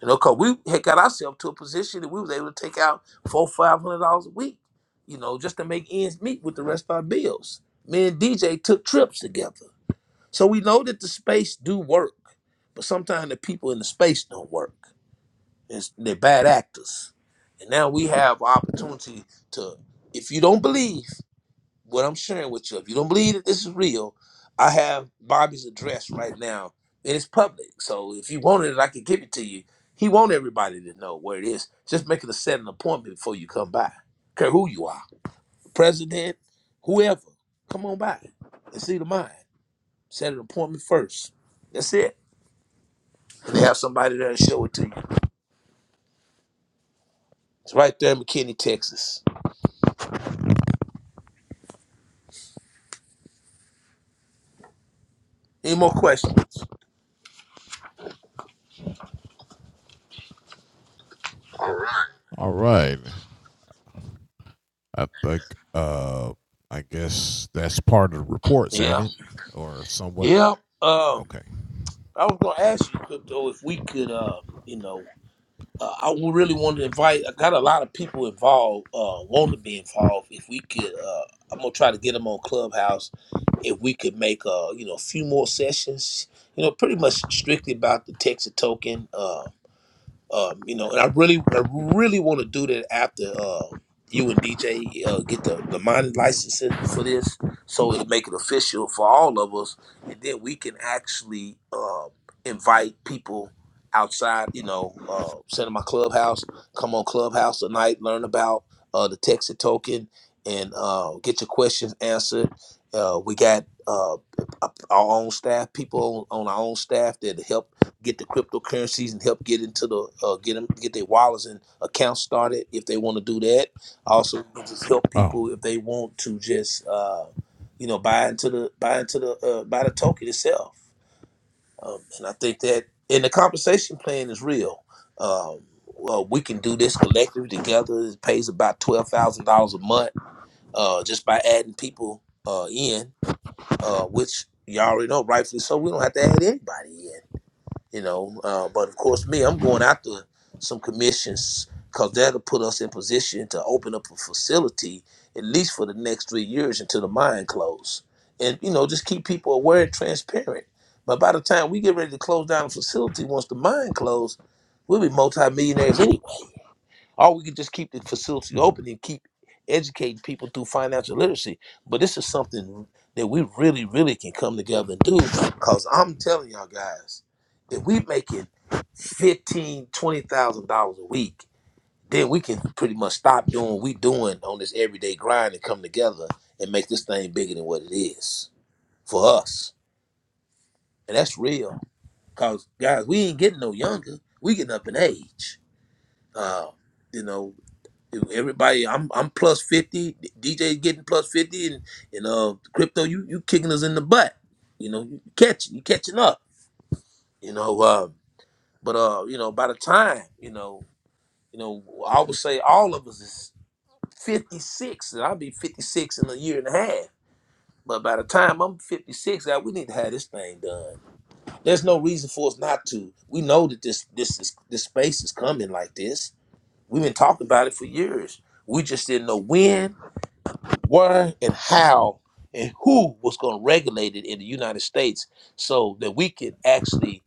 You know, cause we had got ourselves to a position that we was able to take out four, five hundred dollars a week, you know, just to make ends meet with the rest of our bills. Me and DJ took trips together. So we know that the space do work, but sometimes the people in the space don't work. It's, they're bad actors. And now we have opportunity to, if you don't believe, what I'm sharing with you. If you don't believe that this is real, I have Bobby's address right now, and it's public. So if you wanted it, I could give it to you. He want everybody to know where it is. Just make it a set an appointment before you come by. Care who you are, president, whoever. Come on by and see the mine. Set an appointment first. That's it. And they have somebody there to show it to you. It's right there in McKinney, Texas. Any more questions? Yeah. Yeah. Um, I was gonna ask you, Crypto, if we could, uh, you know. Uh, I would really want to invite. I got a lot of people involved, uh, want to be involved. If we could, uh, I'm gonna try to get them on Clubhouse. If we could make, uh, you know, a few more sessions, you know, pretty much strictly about the Texas token. Uh, um, you know, and I really, I really want to do that after uh, you and DJ uh, get the the mining licensing for this, so it'll make it official for all of us, and then we can actually um invite people outside. You know, uh, send them my clubhouse, come on clubhouse tonight, learn about uh, the Texas token, and uh, get your questions answered. Uh, we got uh, our own staff, people on, on our own staff that help get the cryptocurrencies and help get into the uh, get them get their wallets and accounts started if they want to do that. Also, we can just help people if they want to just uh, you know buy into the buy into the uh, buy the token itself. Um, and I think that and the compensation plan is real. Um, well, we can do this collectively together. It pays about twelve thousand dollars a month uh, just by adding people uh, in, uh, which you already know, rightfully so. We don't have to add anybody in you know. Uh, but of course, me, I'm going after some commissions because that'll put us in position to open up a facility at least for the next three years until the mine close, and you know, just keep people aware and transparent. But by the time we get ready to close down the facility, once the mine close, we'll be multimillionaires anyway or we could just keep the facility open and keep educating people through financial literacy. But this is something that we really, really can come together and do because I'm telling y'all guys, if we making fifteen, twenty thousand dollars a week, then we can pretty much stop doing what we doing on this everyday grind and come together and make this thing bigger than what it is for us. And that's real. Cause guys, we ain't getting no younger. We getting up in age. Uh, you know. Everybody, I'm I'm plus fifty. DJ getting plus fifty, and you know, crypto, you you kicking us in the butt. You know, you catching, you catching up. You know, uh, but uh, you know, by the time you know, you know, I would say all of us is fifty six, and I'll be fifty six in a year and a half. But by the time I'm 56, God, we need to have this thing done. There's no reason for us not to. We know that this this is this space is coming like this. We've been talking about it for years. We just didn't know when where and how and who was going to regulate it in the United States so that we could actually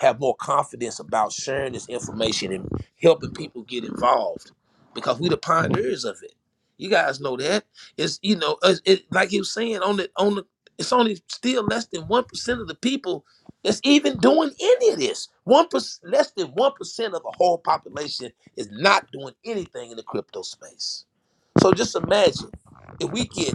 have more confidence about sharing this information and helping people get involved because we the pioneers of it. You guys know that. It's you know, it's- it, like you was saying on the on the it's only still less than one percent of the people that's even doing any of this. One percent, less than one percent of the whole population is not doing anything in the crypto space. So just imagine if we get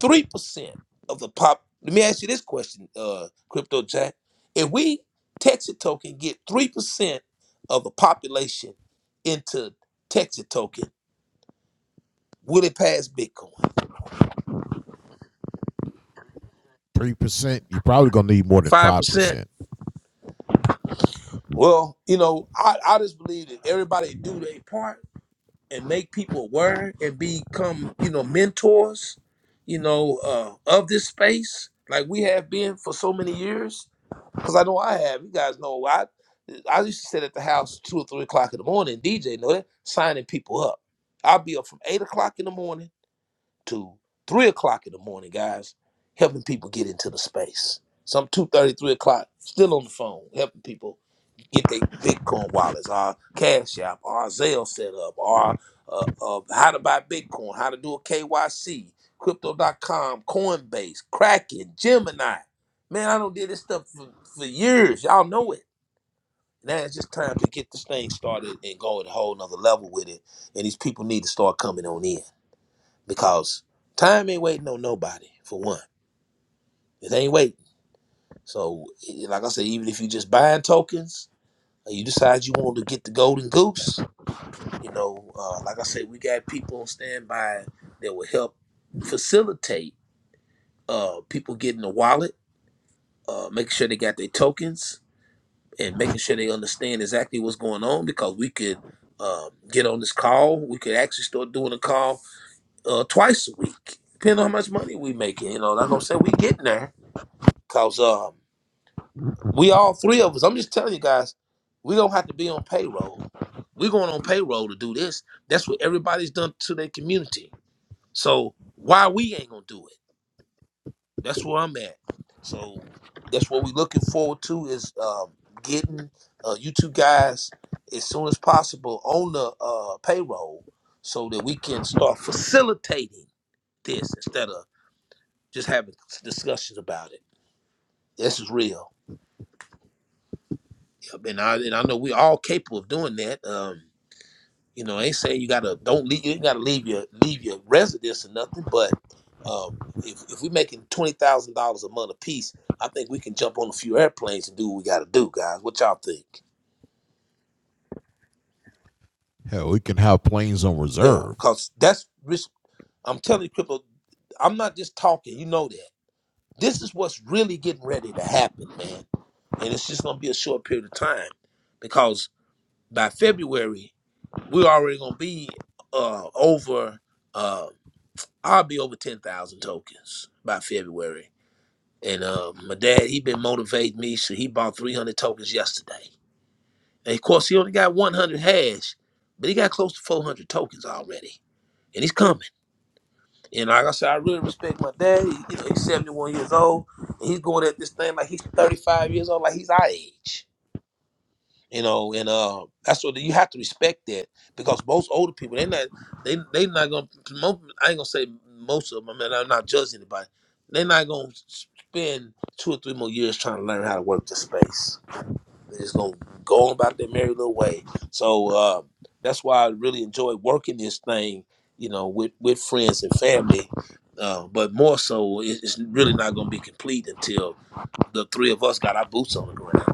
three percent of the pop. Let me ask you this question, uh, Crypto Jack. If we Texas token get three percent of the population into Texas token, will it pass Bitcoin? Five percent. Well, you know, I, I just believe that everybody do their part and make people aware and become, you know, mentors, you know, uh, of this space, like we have been for so many years Cause I know I have. You guys know I I used to sit at the house two or three o'clock in the morning. DJ know that signing people up. I'll be up from eight o'clock in the morning to three o'clock in the morning, guys, helping people get into the space. Some two thirty, three o'clock, still on the phone, helping people get their Bitcoin wallets, our Cash App, our Zelle set up, our uh, uh, how to buy Bitcoin, how to do a KYC, crypto.com, Coinbase, Kraken, Gemini. Man, I don't did this stuff for, for years. Y'all know it. Now it's just time to get this thing started and go at a whole nother level with it. And these people need to start coming on in because time ain't waiting on nobody. For one, it ain't waiting. So, eh, like I said, even if you just buying tokens, or you decide you want to get the golden goose, you know, uh, like I said, we got people on standby that will help facilitate uh, people getting the wallet, uh, making sure they got their tokens, and making sure they understand exactly what's going on. Because we could um, get on this call, we could actually start doing a call uh, twice a week, depending on how much money we making. You know, like I said, we getting there Cause um, we all three of us. I'm just telling you guys, we gonna have to be on payroll. We're going on payroll to do this. That's what everybody's done to their community. So why we ain't gonna do it? That's where I'm at. So that's what we're looking forward to is um, getting uh, you two guys as soon as possible on the uh, payroll so that we can start facilitating this instead of just having discussions about it. This is real. and I and I know we're all capable of doing that. Um, you know, I ain't saying you gotta don't leave you ain't gotta leave your leave your residence or nothing, but um, if if we're making twenty thousand dollars a month apiece, I think we can jump on a few airplanes and do what we gotta do, guys. What y'all think? Yeah, cause that's risk. I'm telling you, cripple. I'm not just talking. You know that. This is what's really getting ready to happen, man. And it's just gonna be a short period of time, because by February we're already gonna be uh over uh I'll be over ten thousand tokens by February. And uh, my dad, he been motivating me, so he bought three hundred tokens yesterday. And of course, he only got one hundred hash, but he got close to four hundred tokens already, and he's coming. And like I said, I really respect my dad. He- you know, he's seventy one years old, and he's going at this thing like he's thirty five years old, like he's our age. you know, and uh, that's what you have to respect that because most older people they're not they they not gonna mo I ain't gonna say most of them. I mean, I'm not judging anybody. They're not gonna spend two or three more years trying to learn how to work the space. They're just gonna go on about their merry little way. So uh, that's why I really enjoy working this thing, you know, with with friends and family. Uh, but more so, it- it's really not gonna be complete until the three of us got our boots on the ground.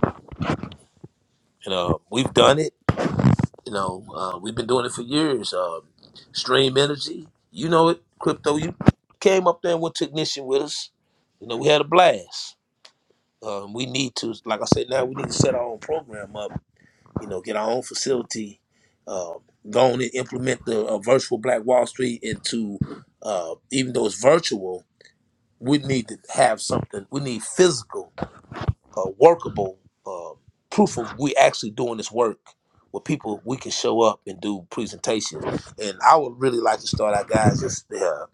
you know we've done it you know, uh, we've been doing it for years. Uh, Stream Energy, you know it. Crypto, you came up there and went technician with us. You know, we had a blast. Um, we need to, like I said, now we need to set our own program up. You know, get our own facility. Uh, go on and implement the uh, virtual Black Wall Street into, uh, even though it's virtual, we need to have something. We need physical uh, workable uh, proof of we actually doing this work with people we can show up and do presentations and i would really like to start our guys this uh,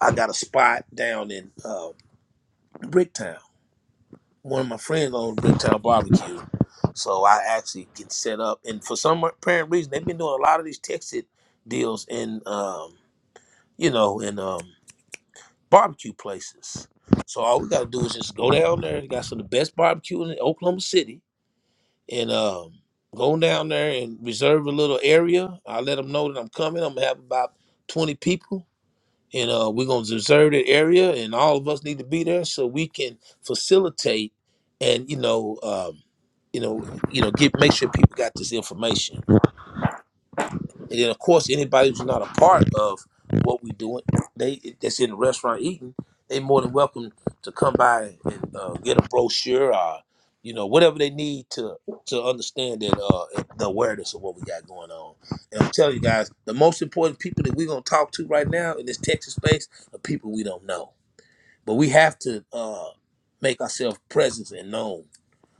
i got a spot down in uh, bricktown one of my friends owns bricktown barbecue so i actually can set up and for some apparent reason they've been doing a lot of these texted deals in um, you know in um, barbecue places so all we gotta do is just go down there they got some of the best barbecue in oklahoma city and um, go down there and reserve a little area. I let them know that I'm coming. I'm gonna have about 20 people, and uh, we're gonna reserve that area, and all of us need to be there so we can facilitate and you know, um, you know, you know, get make sure people got this information. And then, of course, anybody who's not a part of what we are doing, they that's in the restaurant eating, they more than welcome to come by and uh, get a brochure or you know whatever they need to to understand that uh, the awareness of what we got going on. And I'm telling you guys, the most important people that we're gonna talk to right now in this Texas space are people we don't know, but we have to uh, make ourselves present and known.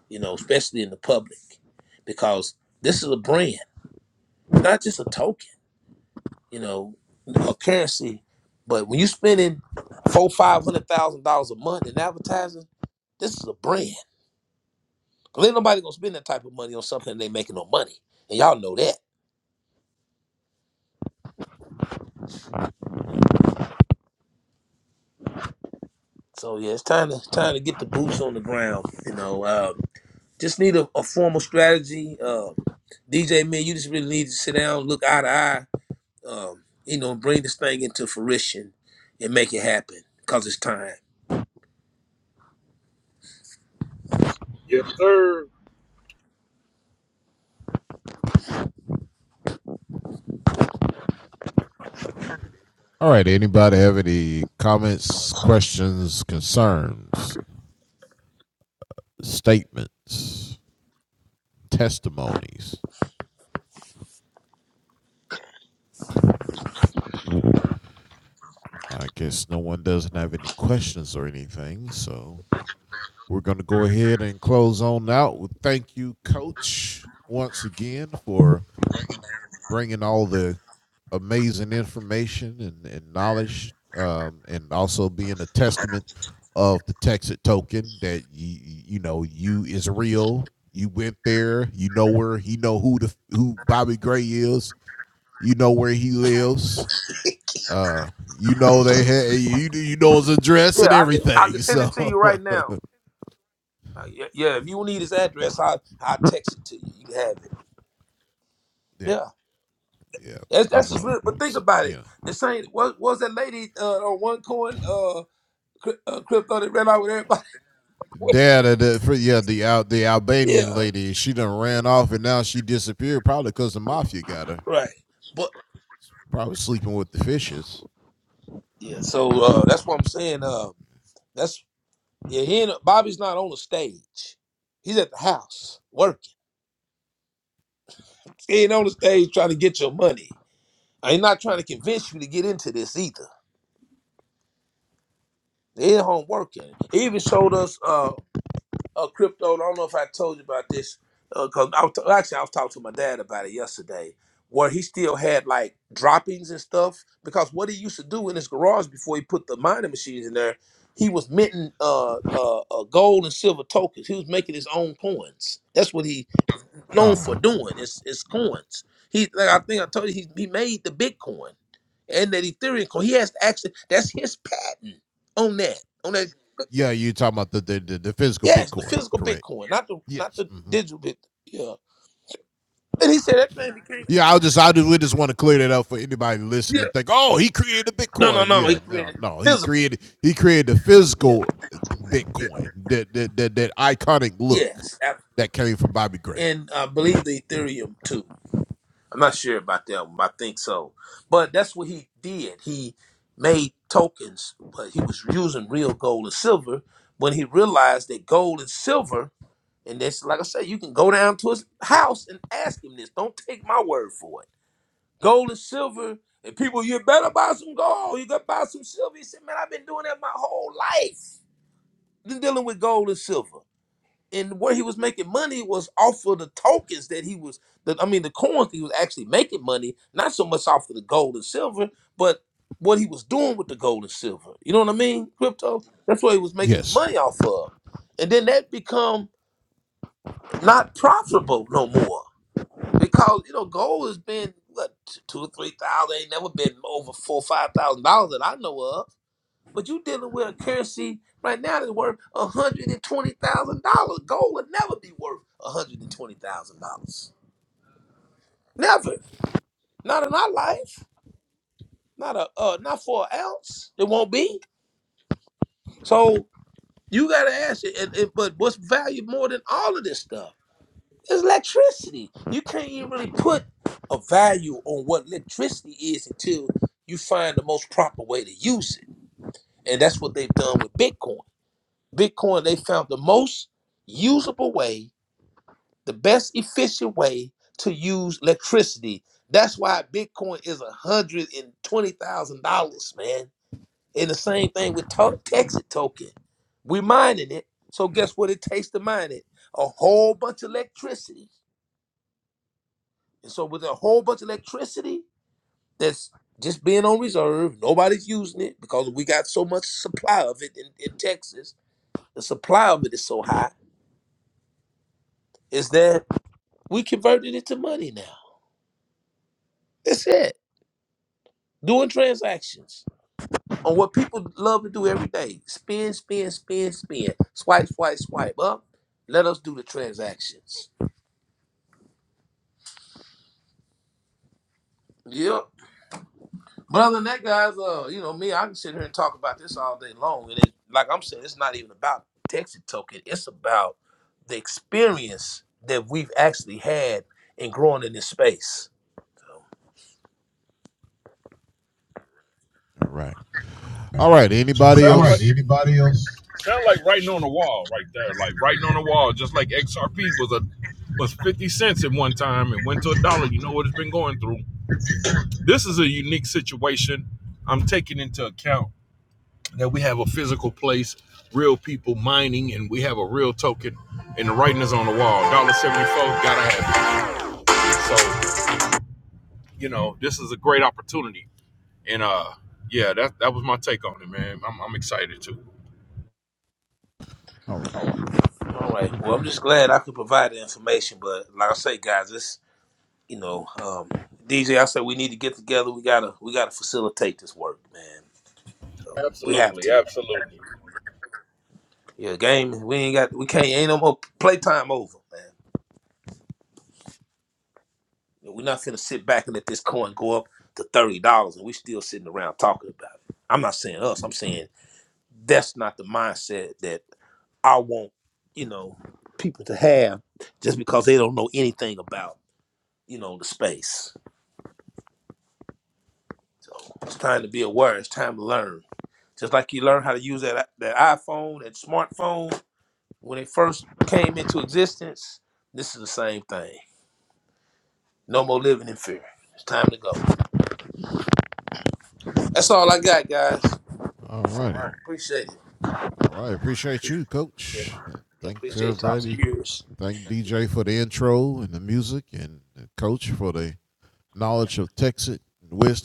You know, especially in the public, because this is a brand, not just a token you know, a currency. But when you spending four, five hundred thousand dollars a month in advertising, this is a brand. 'Cause ain't nobody gonna spend that type of money on something they making no money, and y'all know that. So yeah, it's time to it's time to get the boots on the ground. You know, uh, just need a, a formal strategy. Uh, DJ, man, you just really need to sit down, look eye to eye. Um, you know, bring this thing into fruition and make it happen. Cause it's time. Yes, sir. All right. Yeah, I can, I can send it to you right now. Uh, yeah, yeah, if you need his address, I i text it to you. You can have it. Yeah. That's, that's just lit. But think about it. The same what what was that lady uh on one coin uh, cri- uh crypto that ran out with everybody? [laughs] yeah. Yeah. Right. But yeah, so uh that's what I'm saying. Um that's yeah, he ain't, Bobby's not on the stage. He's at the house working. He ain't on the stage trying to get your money. I ain't not trying to convince you to get into this either. They at home working. He even showed us. Uh, uh, crypto. I don't know if I told you about this because I was actually I was talking to my dad about it yesterday, where he still had like droppings and stuff because what he used to do in his garage before he put the mining machines in there, he was minting uh, uh, uh, gold and silver tokens. He was making his own coins. That's what he known for doing. It's it's coins. He like I think I told you he, he made the Bitcoin and that Ethereum coin. He has to actually that's his patent on that. Yes, the physical Bitcoin, not the not the digital Bitcoin. Yeah. And he said that thing became yeah. No, no, no. He created physical. Yeah. Yeah. Yes, absolutely. And I believe the Ethereum too. I'm not sure about that one, but I think so. But that's what he did. He made tokens, but he was using real gold and silver when he realized that gold and silver, and that's like I said, you can go down to his house and ask him this. Don't take my word for it gold and silver. And people, you better buy some gold. You got to buy some silver. He said, man, I've been doing that my whole life. Been dealing with gold and silver. And where he was making money was off of the tokens that he was, the, I mean, the coins that he was actually making money, not so much off of the gold and silver, but what he was doing with the gold and silver. You know what I mean? Crypto. That's what he was making his money off of. And then that become not profitable no more because you know, gold has been what t- two or three thousand. Ain't never been over four five thousand dollars that I know of. But you dealing with a currency right now that's worth a hundred and twenty thousand dollars. Gold would never be worth a hundred and twenty thousand dollars. Never. Not in our life. Not a uh, not for an ounce. It won't be. So you gotta ask it. And, and- but what's valued more than all of this stuff? It's electricity. You can't even really put a value on what electricity is until you find the most proper way to use it. And that's what they've done with Bitcoin. Bitcoin, they found the most usable way, the best efficient way to use electricity. That's why Bitcoin is $120,000, man. And the same thing with to- Texas token. We mining it. So guess what it takes to mine it? A whole bunch of electricity And so with a whole bunch of electricity that's just being on reserve, nobody's using it because we got so much supply of it in, in Texas. The supply of it is so high, is that we converted it to money now. That's it. Doing transactions on what people love to do every day. Spin, spin, spin, spin. Swipe, swipe, swipe up. Let us do the transactions. Yep. But other than that, guys, uh, you know me, I can sit here and talk about this all day long. And it, like I'm saying, it's not even about Texas token. It's about the experience that we've actually had in growing in this space. like right. Anybody else? sound like writing on the wall right there. Like writing on the wall, just like XRP was a was 50 cents at one time and went to a dollar. You know what it's been going through. This is a unique situation. I'm taking into account that we have a physical place, real people mining, and we have a real token. And the writing is on the wall. one Dollar seventy four, gotta have it. So, you know, this is a great opportunity. And uh yeah, that that was my take on it, man. I'm, I'm excited too. All right. Well, I'm just glad I could provide the information. But like I say, guys, it's you know, um, DJ, I said we need to get together. We gotta we gotta facilitate this work, man. So we have Absolutely, to. absolutely. Yeah, game. We ain't got. We can't. Ain't no more playtime over, man. We're not finna sit back and let this coin go up to thirty dollars, and we still sitting around talking about it. I'm not saying us. I'm saying that's not the mindset that I want. You know, people to have just because they don't know anything about you know the space. So it's time to be aware. It's time to learn. Just like you learn how to use that that iPhone, that smartphone when it first came into existence. This is the same thing. No more living in fear. It's time to go. That's all I got, guys. All right. Appreciate it. Yeah. Yeah, appreciate y'all's ears.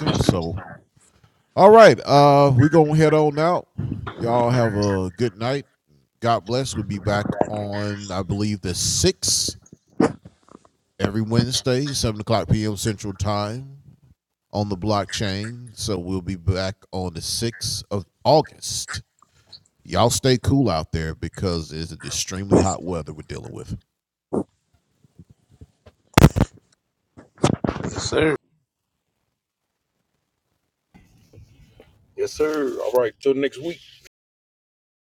Yes, sir. Yes, sir. All right, till next week.